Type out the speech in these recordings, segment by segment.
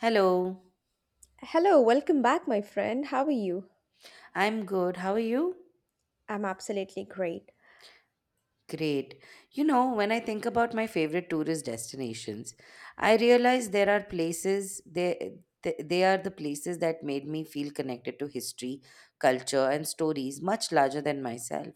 Hello, Hello, welcome back, my friend. How are you? I'm good. How are you? I'm absolutely great. Great. You know, when I think about my favorite tourist destinations, I realize there are places they are the places that made me feel connected to history, culture, and stories much larger than myself.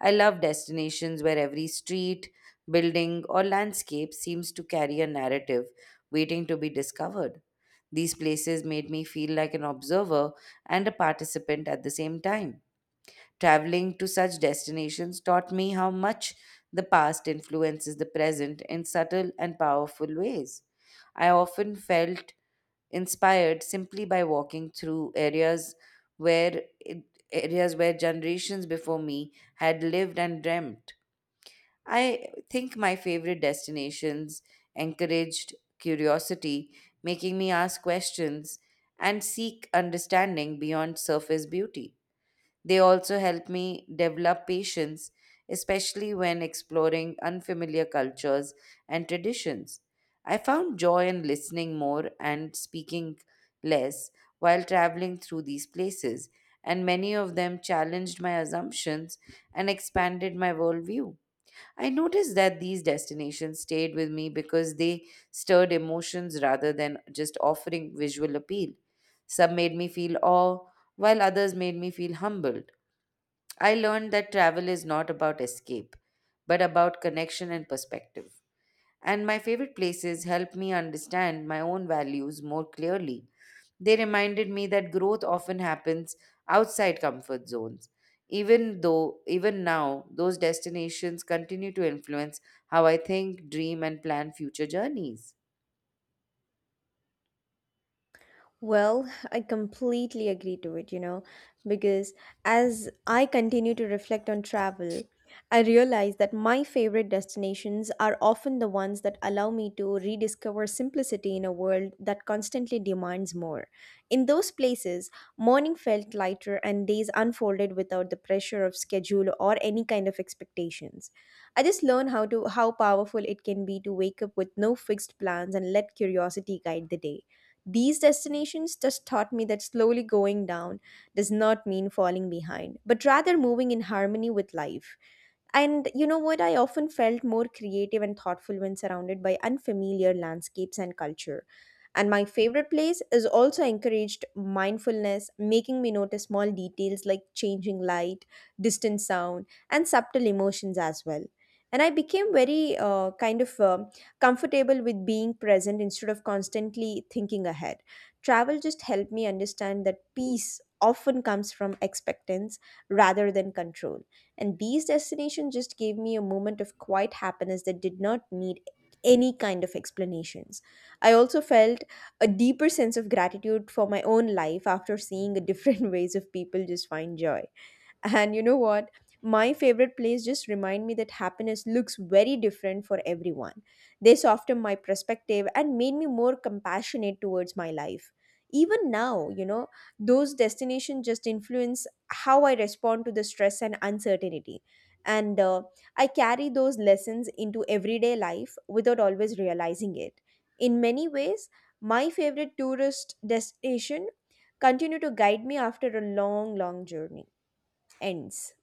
I love destinations where every street, building, or landscape seems to carry a narrative waiting to be discovered. These places made me feel like an observer and a participant at the same time. Traveling to such destinations taught me how much the past influences the present in subtle and powerful ways. I often felt inspired simply by walking through where areas where generations before me had lived and dreamt. I think my favorite destinations encouraged curiosity, making me ask questions and seek understanding beyond surface beauty. They also help me develop patience, especially when exploring unfamiliar cultures and traditions. I found joy in listening more and speaking less while traveling through these places, and many of them challenged my assumptions and expanded my worldview. I noticed that these destinations stayed with me because they stirred emotions rather than just offering visual appeal. Some made me feel awe, while others made me feel humbled. I learned that travel is not about escape, but about connection and perspective. And my favorite places helped me understand my own values more clearly. They reminded me that growth often happens outside comfort zones. Even now, those destinations continue to influence how I think, dream, and plan future journeys. Well, I completely agree to it, because as I continue to reflect on travel, I realize that my favorite destinations are often the ones that allow me to rediscover simplicity in a world that constantly demands more. In those places, morning felt lighter and days unfolded without the pressure of schedule or any kind of expectations. I just learned how powerful it can be to wake up with no fixed plans and let curiosity guide the day. These destinations just taught me that slowly going down does not mean falling behind, but rather moving in harmony with life. And you know what? I often felt more creative and thoughtful when surrounded by unfamiliar landscapes and culture. And my favorite place is also encouraged mindfulness, making me notice small details like changing light, distant sound, and subtle emotions as well. And I became very kind of comfortable with being present instead of constantly thinking ahead. Travel just helped me understand that peace often comes from expectance rather than control. And these destinations just gave me a moment of quiet happiness that did not need any kind of explanations. I also felt a deeper sense of gratitude for my own life after seeing the different ways of people just find joy, and you know what? My favorite plays just remind me that happiness looks very different for everyone. They softened my perspective and made me more compassionate towards my life. Even now, you know, those destinations just influence how I respond to the stress and uncertainty. And I carry those lessons into everyday life without always realizing it. In many ways, my favorite tourist destination continue to guide me after a long, long journey ends.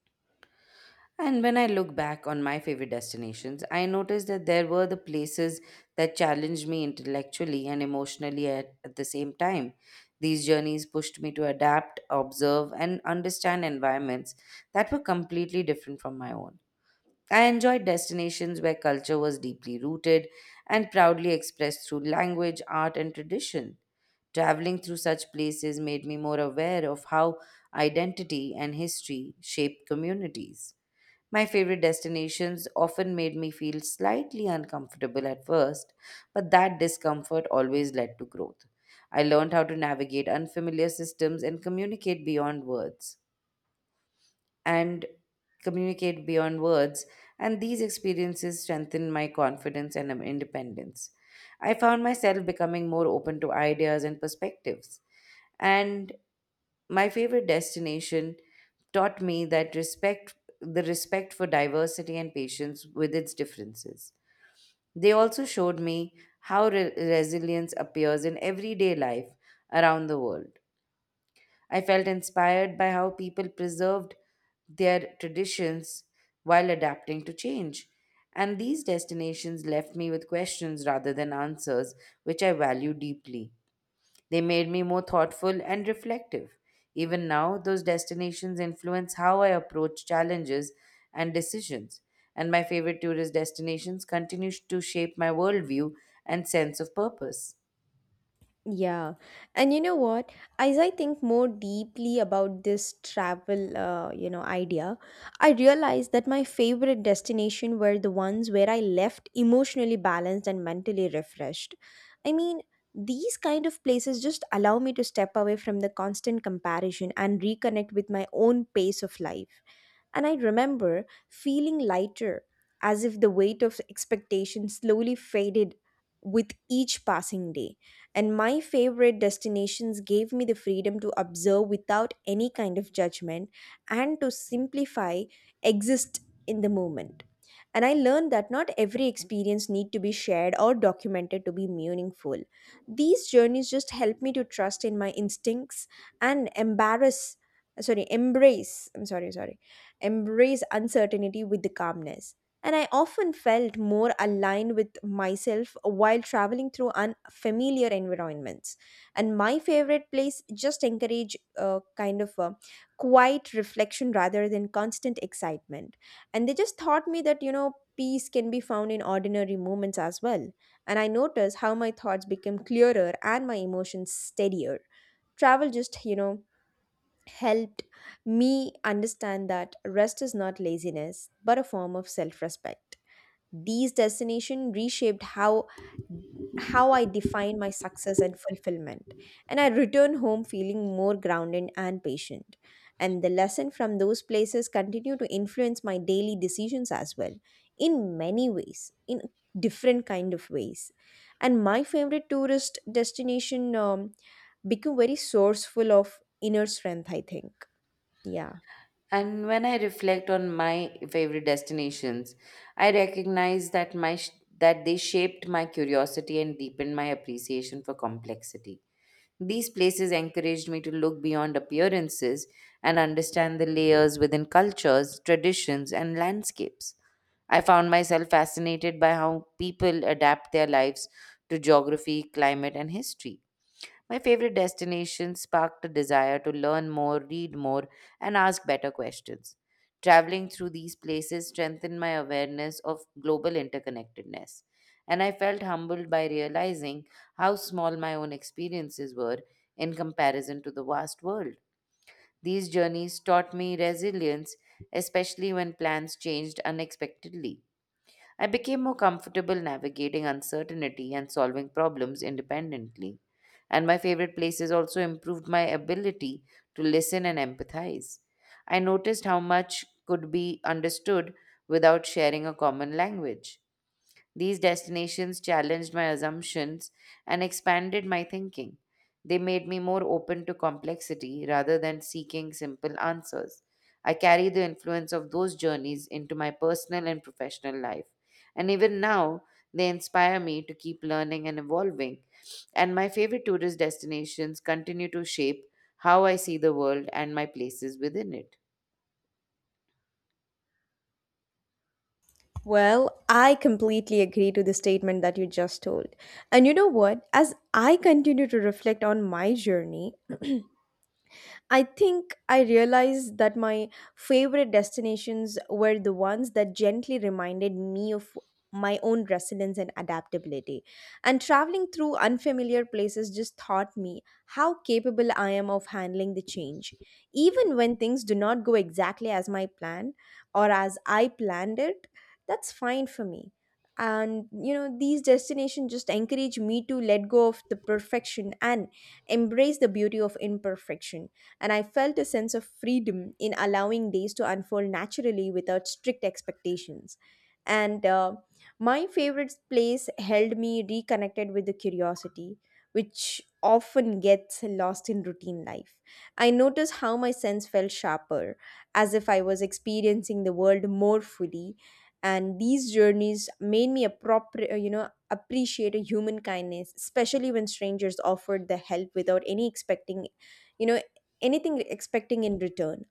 And when I look back on my favorite destinations, I noticed that there were the places that challenged me intellectually and emotionally at the same time. These journeys pushed me to adapt, observe, and understand environments that were completely different from my own. I enjoyed destinations where culture was deeply rooted and proudly expressed through language, art, and tradition. Traveling through such places made me more aware of how identity and history shape communities. My favorite destinations often made me feel slightly uncomfortable at first, but that discomfort always led to growth. I learned how to navigate unfamiliar systems and and communicate beyond words, and these experiences strengthened my confidence and independence. I found myself becoming more open to ideas and perspectives, and my favorite destination taught me that respect the respect for diversity and patience with its differences. They also showed me how resilience appears in everyday life around the world. I felt inspired by how people preserved their traditions while adapting to change. And these destinations left me with questions rather than answers, which I value deeply. They made me more thoughtful and reflective. Even now, those destinations influence how I approach challenges and decisions. And my favorite tourist destinations continue to shape my worldview and sense of purpose. Yeah. And you know what? As I think more deeply about this travel, idea, I realized that my favorite destination were the ones where I left emotionally balanced and mentally refreshed. I mean, these kind of places just allow me to step away from the constant comparison and reconnect with my own pace of life. And I remember feeling lighter, as if the weight of expectation slowly faded with each passing day. And my favorite destinations gave me the freedom to observe without any kind of judgment and to simplify, exist in the moment. And I learned that not every experience need to be shared or documented to be meaningful. These journeys just help me to trust in my instincts and embarrass, sorry, embrace, I'm sorry, sorry, embrace uncertainty with the calmness. And I often felt more aligned with myself while traveling through unfamiliar environments. And my favorite place just encourage a kind of a quiet reflection rather than constant excitement. And they just taught me that, you know, peace can be found in ordinary moments as well. And I noticed how my thoughts became clearer and my emotions steadier. Travel just, you know, helped me understand that rest is not laziness, but a form of self respect. These destinations reshaped how I define my success and fulfillment. And I return home feeling more grounded and patient. And the lesson from those places continue to influence my daily decisions as well, in many ways, in different kind of ways. And my favorite tourist destination become very sourceful of inner strength, I think. Yeah. And when I reflect on my favorite destinations, I recognize that they shaped my curiosity and deepened my appreciation for complexity. These places encouraged me to look beyond appearances and understand the layers within cultures, traditions, and landscapes. I found myself fascinated by how people adapt their lives to geography, climate, and history. My favorite destination sparked a desire to learn more, read more, and ask better questions. Traveling through these places strengthened my awareness of global interconnectedness, and I felt humbled by realizing how small my own experiences were in comparison to the vast world. These journeys taught me resilience, especially when plans changed unexpectedly. I became more comfortable navigating uncertainty and solving problems independently. And my favorite places also improved my ability to listen and empathize. I noticed how much could be understood without sharing a common language. These destinations challenged my assumptions and expanded my thinking. They made me more open to complexity rather than seeking simple answers. I carry the influence of those journeys into my personal and professional life. And even now, they inspire me to keep learning and evolving. And my favorite tourist destinations continue to shape how I see the world and my places within it. Well, I completely agree to the statement that you just told. And you know what? As I continue to reflect on my journey, I think I realized that my favorite destinations were the ones that gently reminded me of my own resilience and adaptability. And traveling through unfamiliar places just taught me how capable I am of handling the change. Even when things do not go exactly as my plan or as I planned it, that's fine for me. And you know, these destinations just encourage me to let go of the perfection and embrace the beauty of imperfection. And I felt a sense of freedom in allowing days to unfold naturally without strict expectations. And my favorite place held me reconnected with the curiosity, which often gets lost in routine life. I noticed how my sense felt sharper, as if I was experiencing the world more fully. And these journeys made me appropriate, you know, appreciate a human kindness, especially when strangers offered the help without any expecting, you know, anything expecting in return.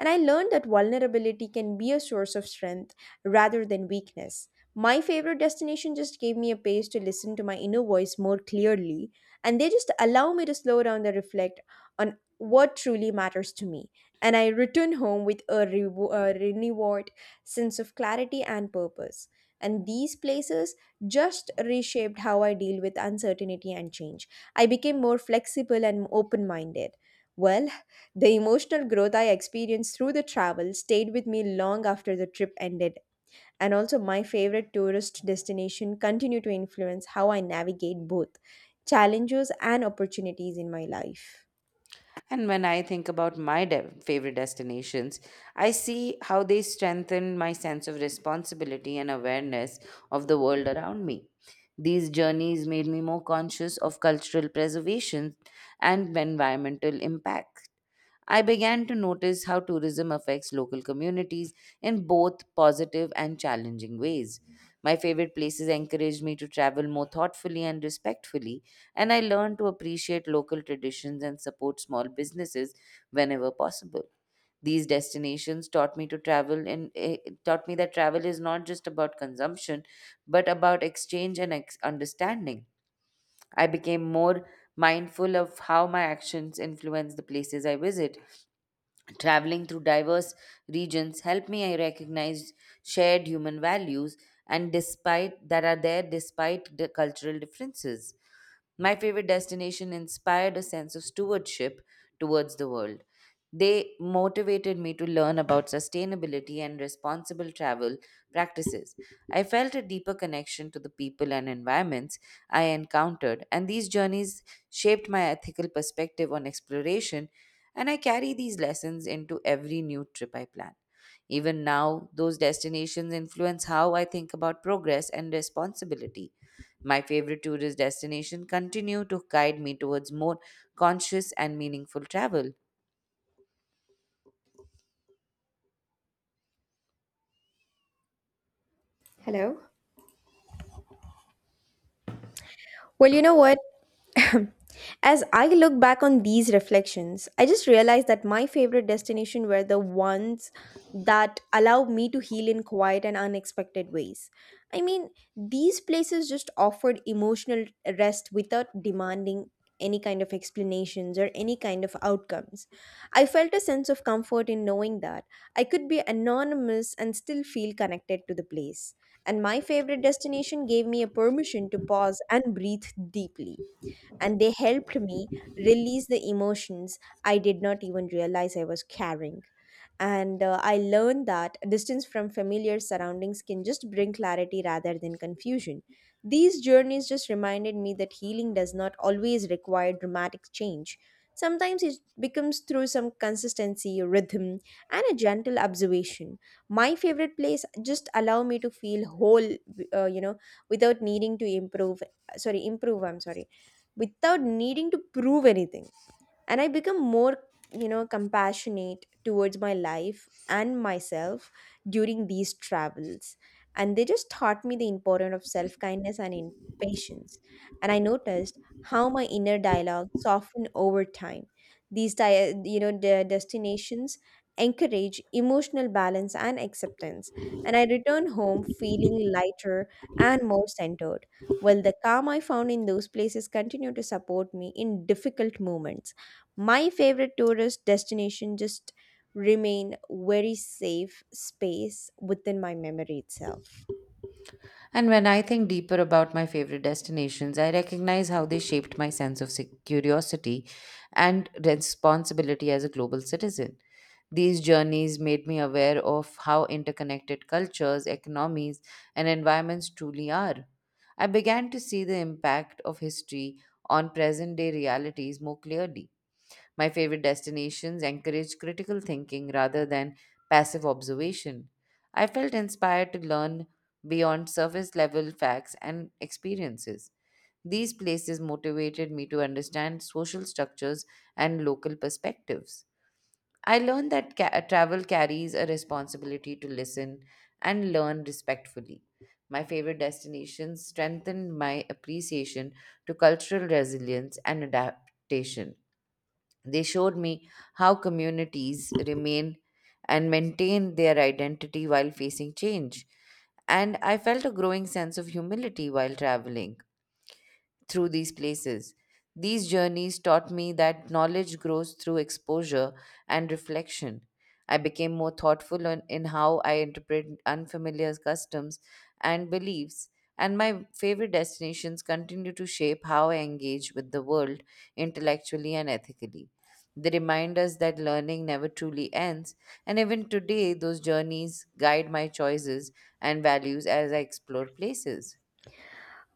And I learned that vulnerability can be a source of strength rather than weakness. My favorite destination just gave me a pace to listen to my inner voice more clearly, and they just allow me to slow down and reflect on what truly matters to me. And I return home with a, rewo- a renewed sense of clarity and purpose. And these places just reshaped how I deal with uncertainty and change. I became more flexible and open minded. Well, the emotional growth I experienced through the travel stayed with me long after the trip ended, and also my favorite tourist destination continue to influence how I navigate both challenges and opportunities in my life. And when I think about favorite destinations, I see how they strengthen my sense of responsibility and awareness of the world around me. These journeys made me more conscious of cultural preservation and environmental impact. I began to notice how tourism affects local communities in both positive and challenging ways. My favorite places encouraged me to travel more thoughtfully and respectfully, and I learned to appreciate local traditions and support small businesses whenever possible. These destinations taught me that travel is not just about consumption, but about exchange and understanding. I became more mindful of how my actions influence the places I visit. Traveling through diverse regions helped me I recognize shared human values and despite that are there despite the cultural differences. My favorite destination inspired a sense of stewardship towards the world. They motivated me to learn about sustainability and responsible travel practices. I felt a deeper connection to the people and environments I encountered, and these journeys shaped my ethical perspective on exploration, and I carry these lessons into every new trip I plan. Even now, those destinations influence how I think about progress and responsibility. My favorite tourist destination continue to guide me towards more conscious and meaningful travel. Hello. Well, you know what? As I look back on these reflections, I just realized that my favorite destinations were the ones that allowed me to heal in quiet and unexpected ways. I mean, these places just offered emotional rest without demanding any kind of explanations or any kind of outcomes. I felt a sense of comfort in knowing that I could be anonymous and still feel connected to the place. And my favorite destination gave me a permission to pause and breathe deeply. And they helped me release the emotions I did not even realize I was carrying. And I learned that distance from familiar surroundings can just bring clarity rather than confusion. These journeys just reminded me that healing does not always require dramatic change. Sometimes it becomes through some consistency, rhythm, and a gentle observation. My favorite place just allow me to feel whole, uh, you know, without needing to improve. Sorry, improve. I'm sorry, without needing to prove anything. And I become more, you know, compassionate towards my life and myself during these travels. And they just taught me the importance of self kindness and in patience. And I noticed how my inner dialogue softened over time. You know, the destinations encourage emotional balance and acceptance. And I return home feeling lighter and more centered. Well, the calm I found in those places continue to support me in difficult moments. My favorite tourist destination just remain very safe space within my memory itself. And when I think deeper about my favorite destinations, I recognize how they shaped my sense of curiosity and responsibility as a global citizen. These journeys made me aware of how interconnected cultures, economies, and environments truly are. I began to see the impact of history on present day realities more clearly. My favorite destinations encourage critical thinking rather than passive observation. I felt inspired to learn beyond surface level facts and experiences. These places motivated me to understand social structures and local perspectives. I learned travel carries a responsibility to listen and learn respectfully. My favorite destinations strengthened my appreciation to cultural resilience and adaptation. They showed me how communities remain and maintain their identity while facing change. And I felt a growing sense of humility while traveling through these places. These journeys taught me that knowledge grows through exposure and reflection. I became more thoughtful in how I interpret unfamiliar customs and beliefs, and my favorite destinations continue to shape how I engage with the world intellectually and ethically. They remind us that learning never truly ends, and even today, those journeys guide my choices and values as I explore places.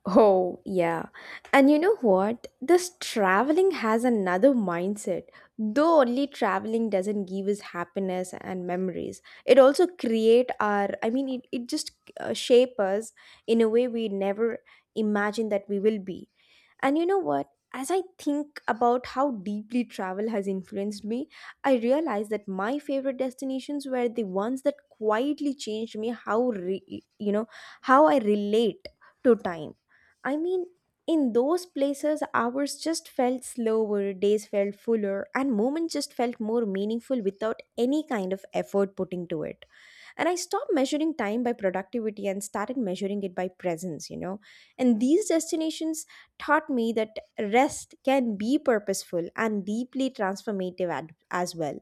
Oh, yeah. And you know what? This traveling has another mindset. Though only traveling doesn't give us happiness and memories, it also create our, I mean, it just shape us in a way we never imagined that we will be. And you know what? As I think about how deeply travel has influenced me, I realize that my favorite destinations were the ones that quietly changed me how, re- you know, how I relate to time. I mean, in those places, hours just felt slower, days felt fuller, and moments just felt more meaningful without any kind of effort putting to it. And I stopped measuring time by productivity and started measuring it by presence, you know. And these destinations taught me that rest can be purposeful and deeply transformative ad- as well.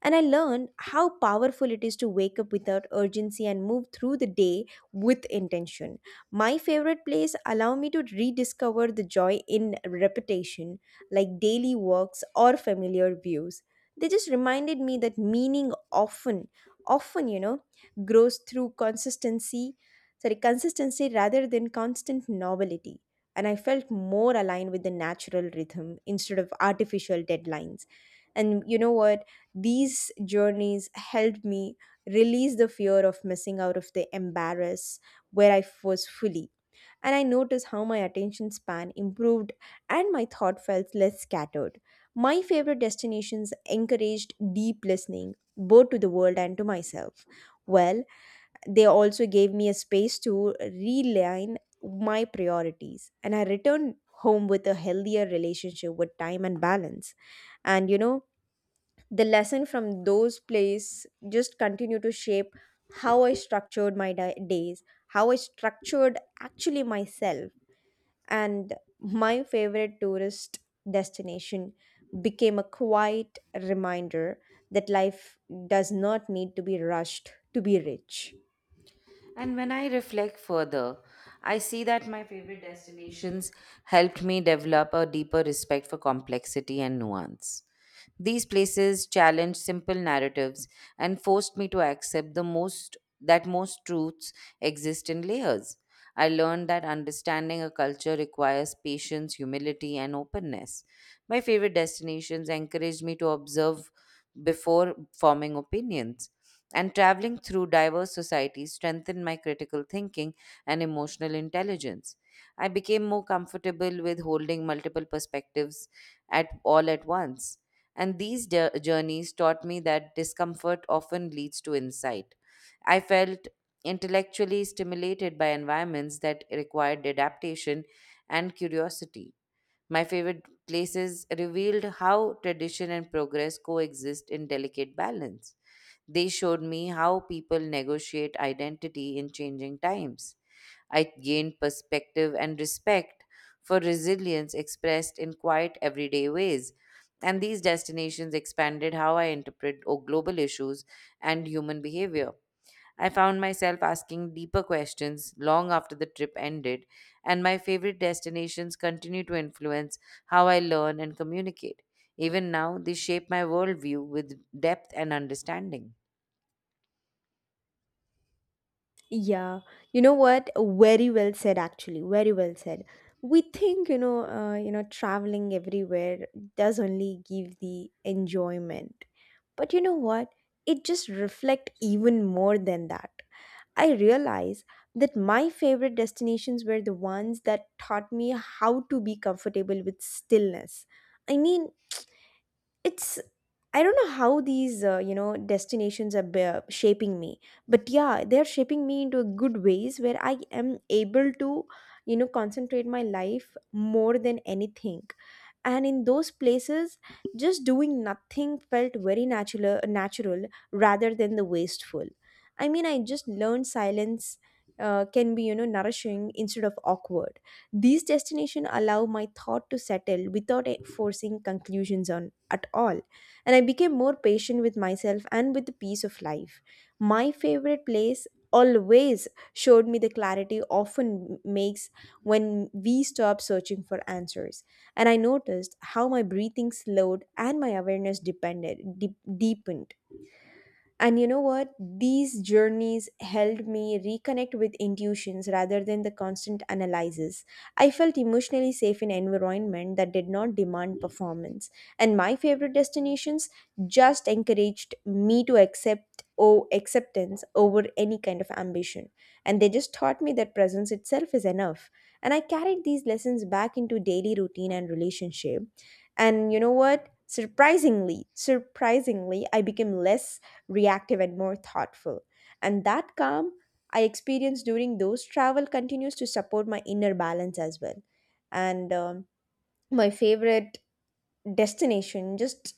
And I learned how powerful it is to wake up without urgency and move through the day with intention. My favorite place allow me to rediscover the joy in repetition, like daily walks or familiar views. They just reminded me that meaning often grows through consistency, sorry, consistency rather than constant novelty. And I felt more aligned with the natural rhythm instead of artificial deadlines. And you know what? These journeys helped me release the fear of missing out of the embarrass where I was fully. And I noticed how my attention span improved and my thought felt less scattered. My favorite destinations encouraged deep listening, both to the world and to myself. Well, they also gave me a space to realign my priorities, and I returned home with a healthier relationship with time and balance. And you know, the lesson from those plays just continue to shape how I structured my di- days how I structured actually myself. And my favorite tourist destination became a quiet reminder that life does not need to be rushed to be rich. And when I reflect further, I see that my favorite destinations helped me develop a deeper respect for complexity and nuance. These places challenged simple narratives and forced me to accept the most that most truths exist in layers. I learned that understanding a culture requires patience, humility, and openness. My favorite destinations encouraged me to observe before forming opinions and traveling through diverse societies strengthened my critical thinking and emotional intelligence. I became more comfortable with holding multiple perspectives at once. And these journeys taught me that discomfort often leads to insight. I felt intellectually stimulated by environments that required adaptation and curiosity. My favorite places revealed how tradition and progress coexist in delicate balance. They showed me how people negotiate identity in changing times. I gained perspective and respect for resilience expressed in quiet everyday ways. And these destinations expanded how I interpret global issues and human behavior. I found myself asking deeper questions long after the trip ended, and my favorite destinations continue to influence how I learn and communicate. Even now, they shape my worldview with depth and understanding. Yeah, you know what? Very well said, actually. Very well said. We think, you know, traveling everywhere does only give the enjoyment. But you know what? It just reflect even more than that. I realize that my favorite destinations were the ones that taught me how to be comfortable with stillness. I mean, it's I don't know how these destinations are shaping me, but yeah, they're shaping me into a good ways where I am able to, concentrate my life more than anything. And in those places, just doing nothing felt very natural, rather than the wasteful. I mean, I just learned silence can be, nourishing instead of awkward. These destinations allow my thought to settle without forcing conclusions on at all, and I became more patient with myself and with the peace of life. My favorite place always showed me the clarity often makes when we stop searching for answers. And I noticed how my breathing slowed and my awareness deepened. And you know what? These journeys helped me reconnect with intuitions rather than the constant analysis. I felt emotionally safe in environment that did not demand performance. And my favorite destinations just encouraged me to acceptance over any kind of ambition. And they just taught me that presence itself is enough. And I carried these lessons back into daily routine and relationship. And you know what? Surprisingly, surprisingly, I became less reactive and more thoughtful. And that calm I experience during those travel continues to support my inner balance as well. And my favorite destination just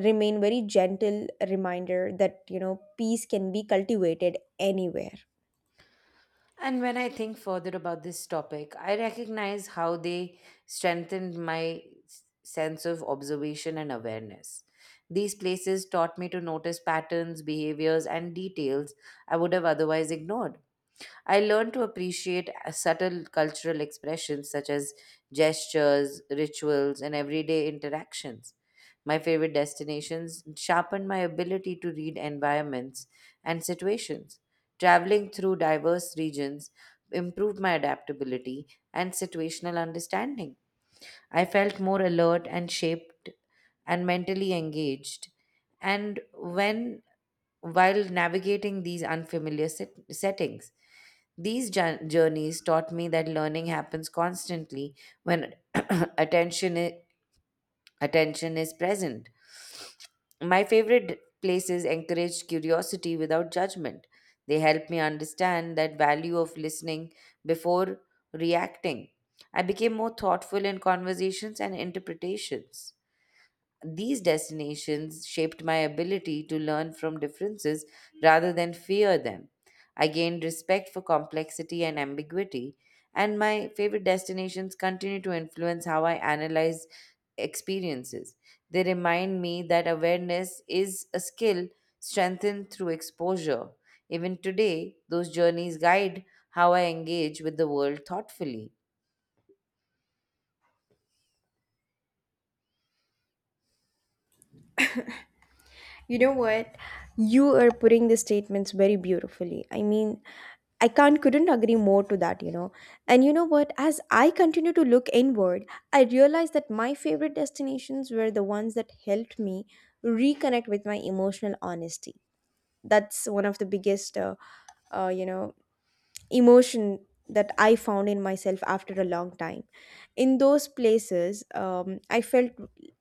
remain very gentle reminder that, peace can be cultivated anywhere. And when I think further about this topic, I recognize how they strengthened my sense of observation and awareness. These places taught me to notice patterns, behaviors, and details I would have otherwise ignored. I learned to appreciate subtle cultural expressions such as gestures, rituals, and everyday interactions. My favorite destinations sharpened my ability to read environments and situations. Traveling through diverse regions improved my adaptability and situational understanding. I felt more alert and shaped and mentally engaged and when while navigating these unfamiliar settings. These journeys taught me that learning happens constantly when attention is, attention is present. My favorite places encouraged curiosity without judgment. They helped me understand that value of listening before reacting. I became more thoughtful in conversations and interpretations. These destinations shaped my ability to learn from differences rather than fear them. I gained respect for complexity and ambiguity, and my favorite destinations continue to influence how I analyze experiences. They remind me that awareness is a skill strengthened through exposure. Even today, those journeys guide how I engage with the world thoughtfully. You know what? You are putting the statements very beautifully. I mean, I can't couldn't agree more to that, you know. And you know what? As I continue to look inward, I realized that my favorite destinations were the ones that helped me reconnect with my emotional honesty. That's one of the biggest, uh, you know, emotion that I found in myself after a long time. In those places, I felt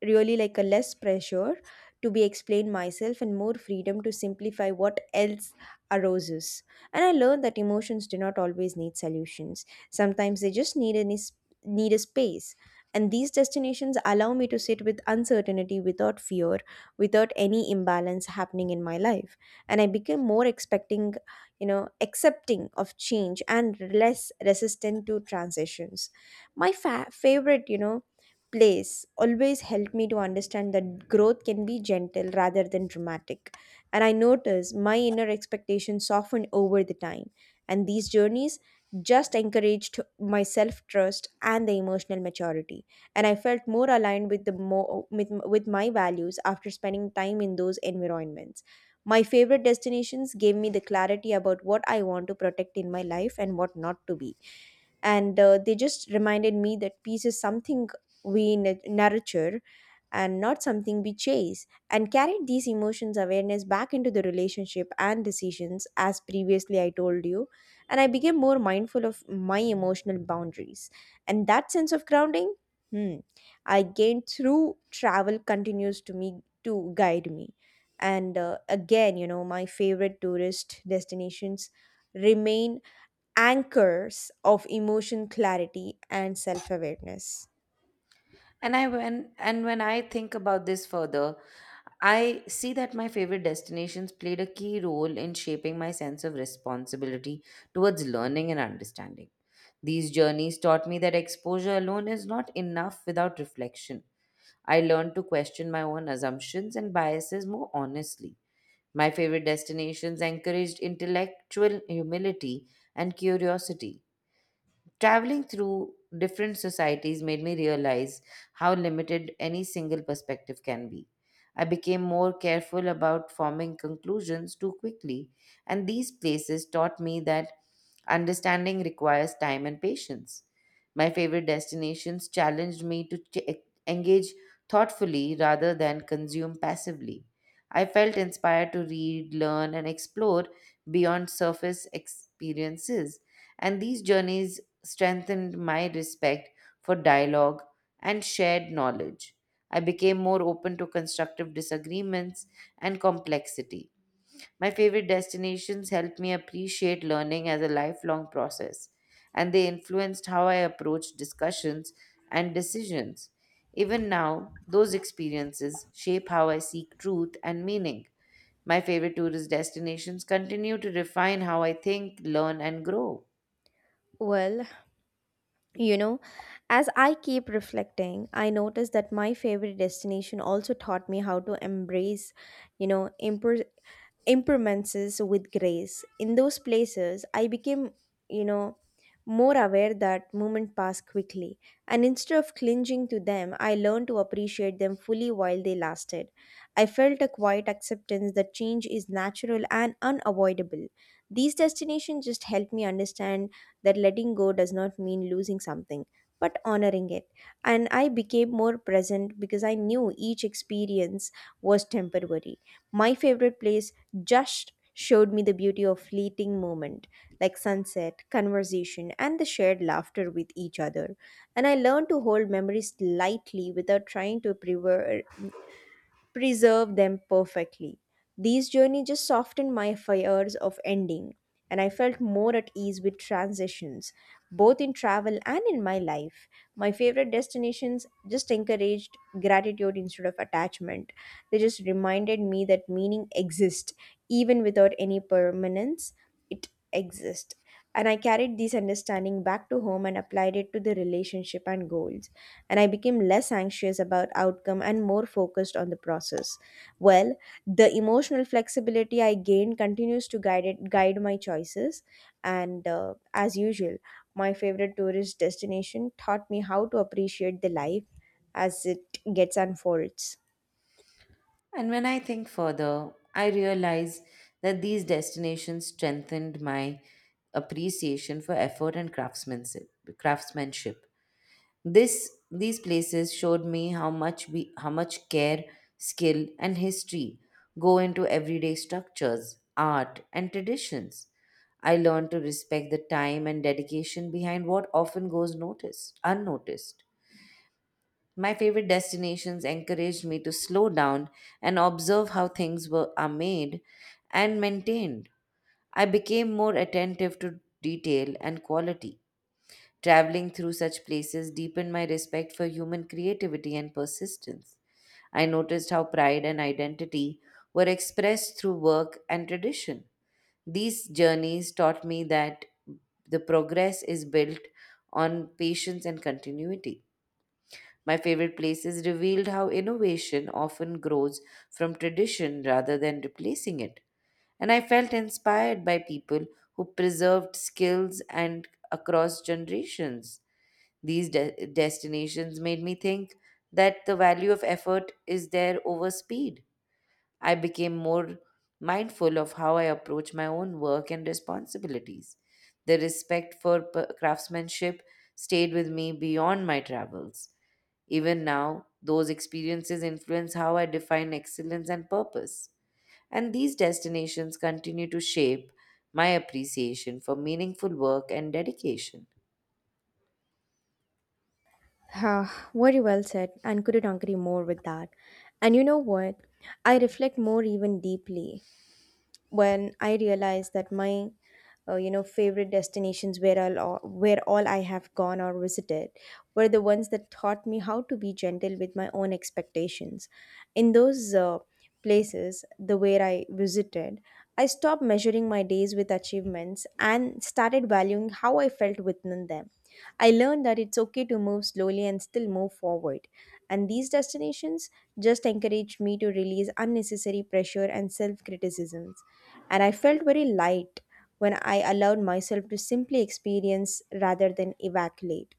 really like a less pressure to be explain myself and more freedom to simplify what else arises. And I learned that emotions do not always need solutions. Sometimes they just need a space. And these destinations allow me to sit with uncertainty without fear, without any imbalance happening in my life. And I became more expecting, accepting of change and less resistant to transitions. My favorite, place always helped me to understand that growth can be gentle rather than dramatic. And I noticed my inner expectations softened over the time. And these journeys just encouraged my self trust and the emotional maturity. And I felt more aligned with the more with my values after spending time in those environments. My favorite destinations gave me the clarity about what I want to protect in my life and what not to be. And they just reminded me that peace is something we nurture and not something we chase, and carried these emotions awareness back into the relationship and decisions, as previously I told you. And I became more mindful of my emotional boundaries. And that sense of grounding, hmm, I gained through travel continues to guide me. And again, you know, my favorite tourist destinations remain anchors of emotion clarity and self awareness. And when I think about this further, I see that my favorite destinations played a key role in shaping my sense of responsibility towards learning and understanding. These journeys taught me that exposure alone is not enough without reflection. I learned to question my own assumptions and biases more honestly. My favorite destinations encouraged intellectual humility and curiosity. Traveling through different societies made me realize how limited any single perspective can be. I became more careful about forming conclusions too quickly, and these places taught me that understanding requires time and patience. My favorite destinations challenged me to engage thoughtfully rather than consume passively. I felt inspired to read, learn, and explore beyond surface experiences, and these journeys strengthened my respect for dialogue and shared knowledge. I became more open to constructive disagreements and complexity. My favorite destinations helped me appreciate learning as a lifelong process, and they influenced how I approach discussions and decisions. Even now, those experiences shape how I seek truth and meaning. My favorite tourist destinations continue to refine how I think, learn, and grow. Well, you know, as I keep reflecting, I notice that my favorite destination also taught me how to embrace, you know, impermanences with grace. In those places, I became, you know, more aware that moments pass quickly, and instead of clinging to them, I learned to appreciate them fully while they lasted. I felt a quiet acceptance that change is natural and unavoidable. These destinations just helped me understand that letting go does not mean losing something, but honoring it. And I became more present because I knew each experience was temporary. My favorite place just showed me the beauty of fleeting moment like sunset conversation and the shared laughter with each other. And I learned to hold memories lightly without trying to preserve them perfectly. These journeys just softened my fears of ending, and I felt more at ease with transitions, both in travel and in my life. My favorite destinations just encouraged gratitude instead of attachment. They just reminded me that meaning exists, even without any permanence, it exists. And I carried this understanding back to home and applied it to the relationship and goals, and I became less anxious about outcome and more focused on the process. Well, the emotional flexibility I gained continues to guide my choices, and as usual, my favorite tourist destination taught me how to appreciate the life as it gets unfolds. And when I think further, I realize that these destinations strengthened my appreciation for effort and craftsmanship. Craftsmanship. This these places showed me how much care, skill, and history go into everyday structures, art, and traditions. I learned to respect the time and dedication behind what often goes noticed unnoticed. My favorite destinations encouraged me to slow down and observe how things are made and maintained. I became more attentive to detail and quality. Traveling through such places deepened my respect for human creativity and persistence. I noticed how pride and identity were expressed through work and tradition. These journeys taught me that the progress is built on patience and continuity. My favorite places revealed how innovation often grows from tradition rather than replacing it. And I felt inspired by people who preserved skills and across generations. These destinations made me think that the value of effort is there over speed. I became more mindful of how I approach my own work and responsibilities. The respect for craftsmanship stayed with me beyond my travels. Even now, those experiences influence how I define excellence and purpose. And these destinations continue to shape my appreciation for meaningful work and dedication. Ah, very well said, and couldn't agree more with that. And you know what? I reflect more even deeply when I realized that my favorite destinations where all I have gone or visited were the ones that taught me how to be gentle with my own expectations. In those places, the where I visited, I stopped measuring my days with achievements and started valuing how I felt within them. I learned that it's okay to move slowly and still move forward. And these destinations just encouraged me to release unnecessary pressure and self criticisms. And I felt very light when I allowed myself to simply experience rather than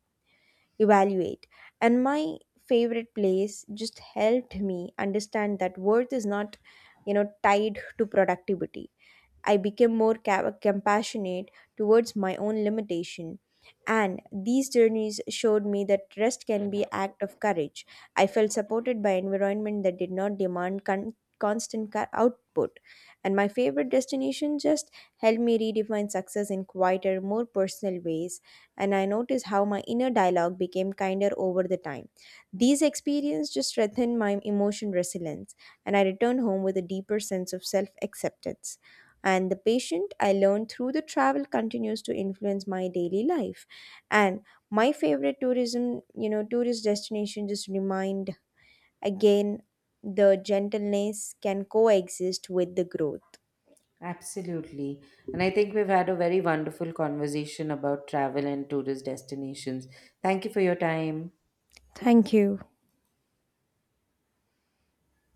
evaluate. And my favorite place just helped me understand that worth is not, you know, tied to productivity. I became more compassionate towards my own limitation. And these journeys showed me that rest can be act of courage. I felt supported by environment that did not demand constant output. And my favorite destination just helped me redefine success in quieter, more personal ways. And I noticed how my inner dialogue became kinder over the time. These experiences just strengthened my emotion resilience, and I returned home with a deeper sense of self acceptance, and the patient I learned through the travel continues to influence my daily life. And my favorite tourism, you know, tourist destination just remind again the gentleness can coexist with the growth. Absolutely. And I think we've had a very wonderful conversation about travel and tourist destinations. Thank you for your time. Thank you.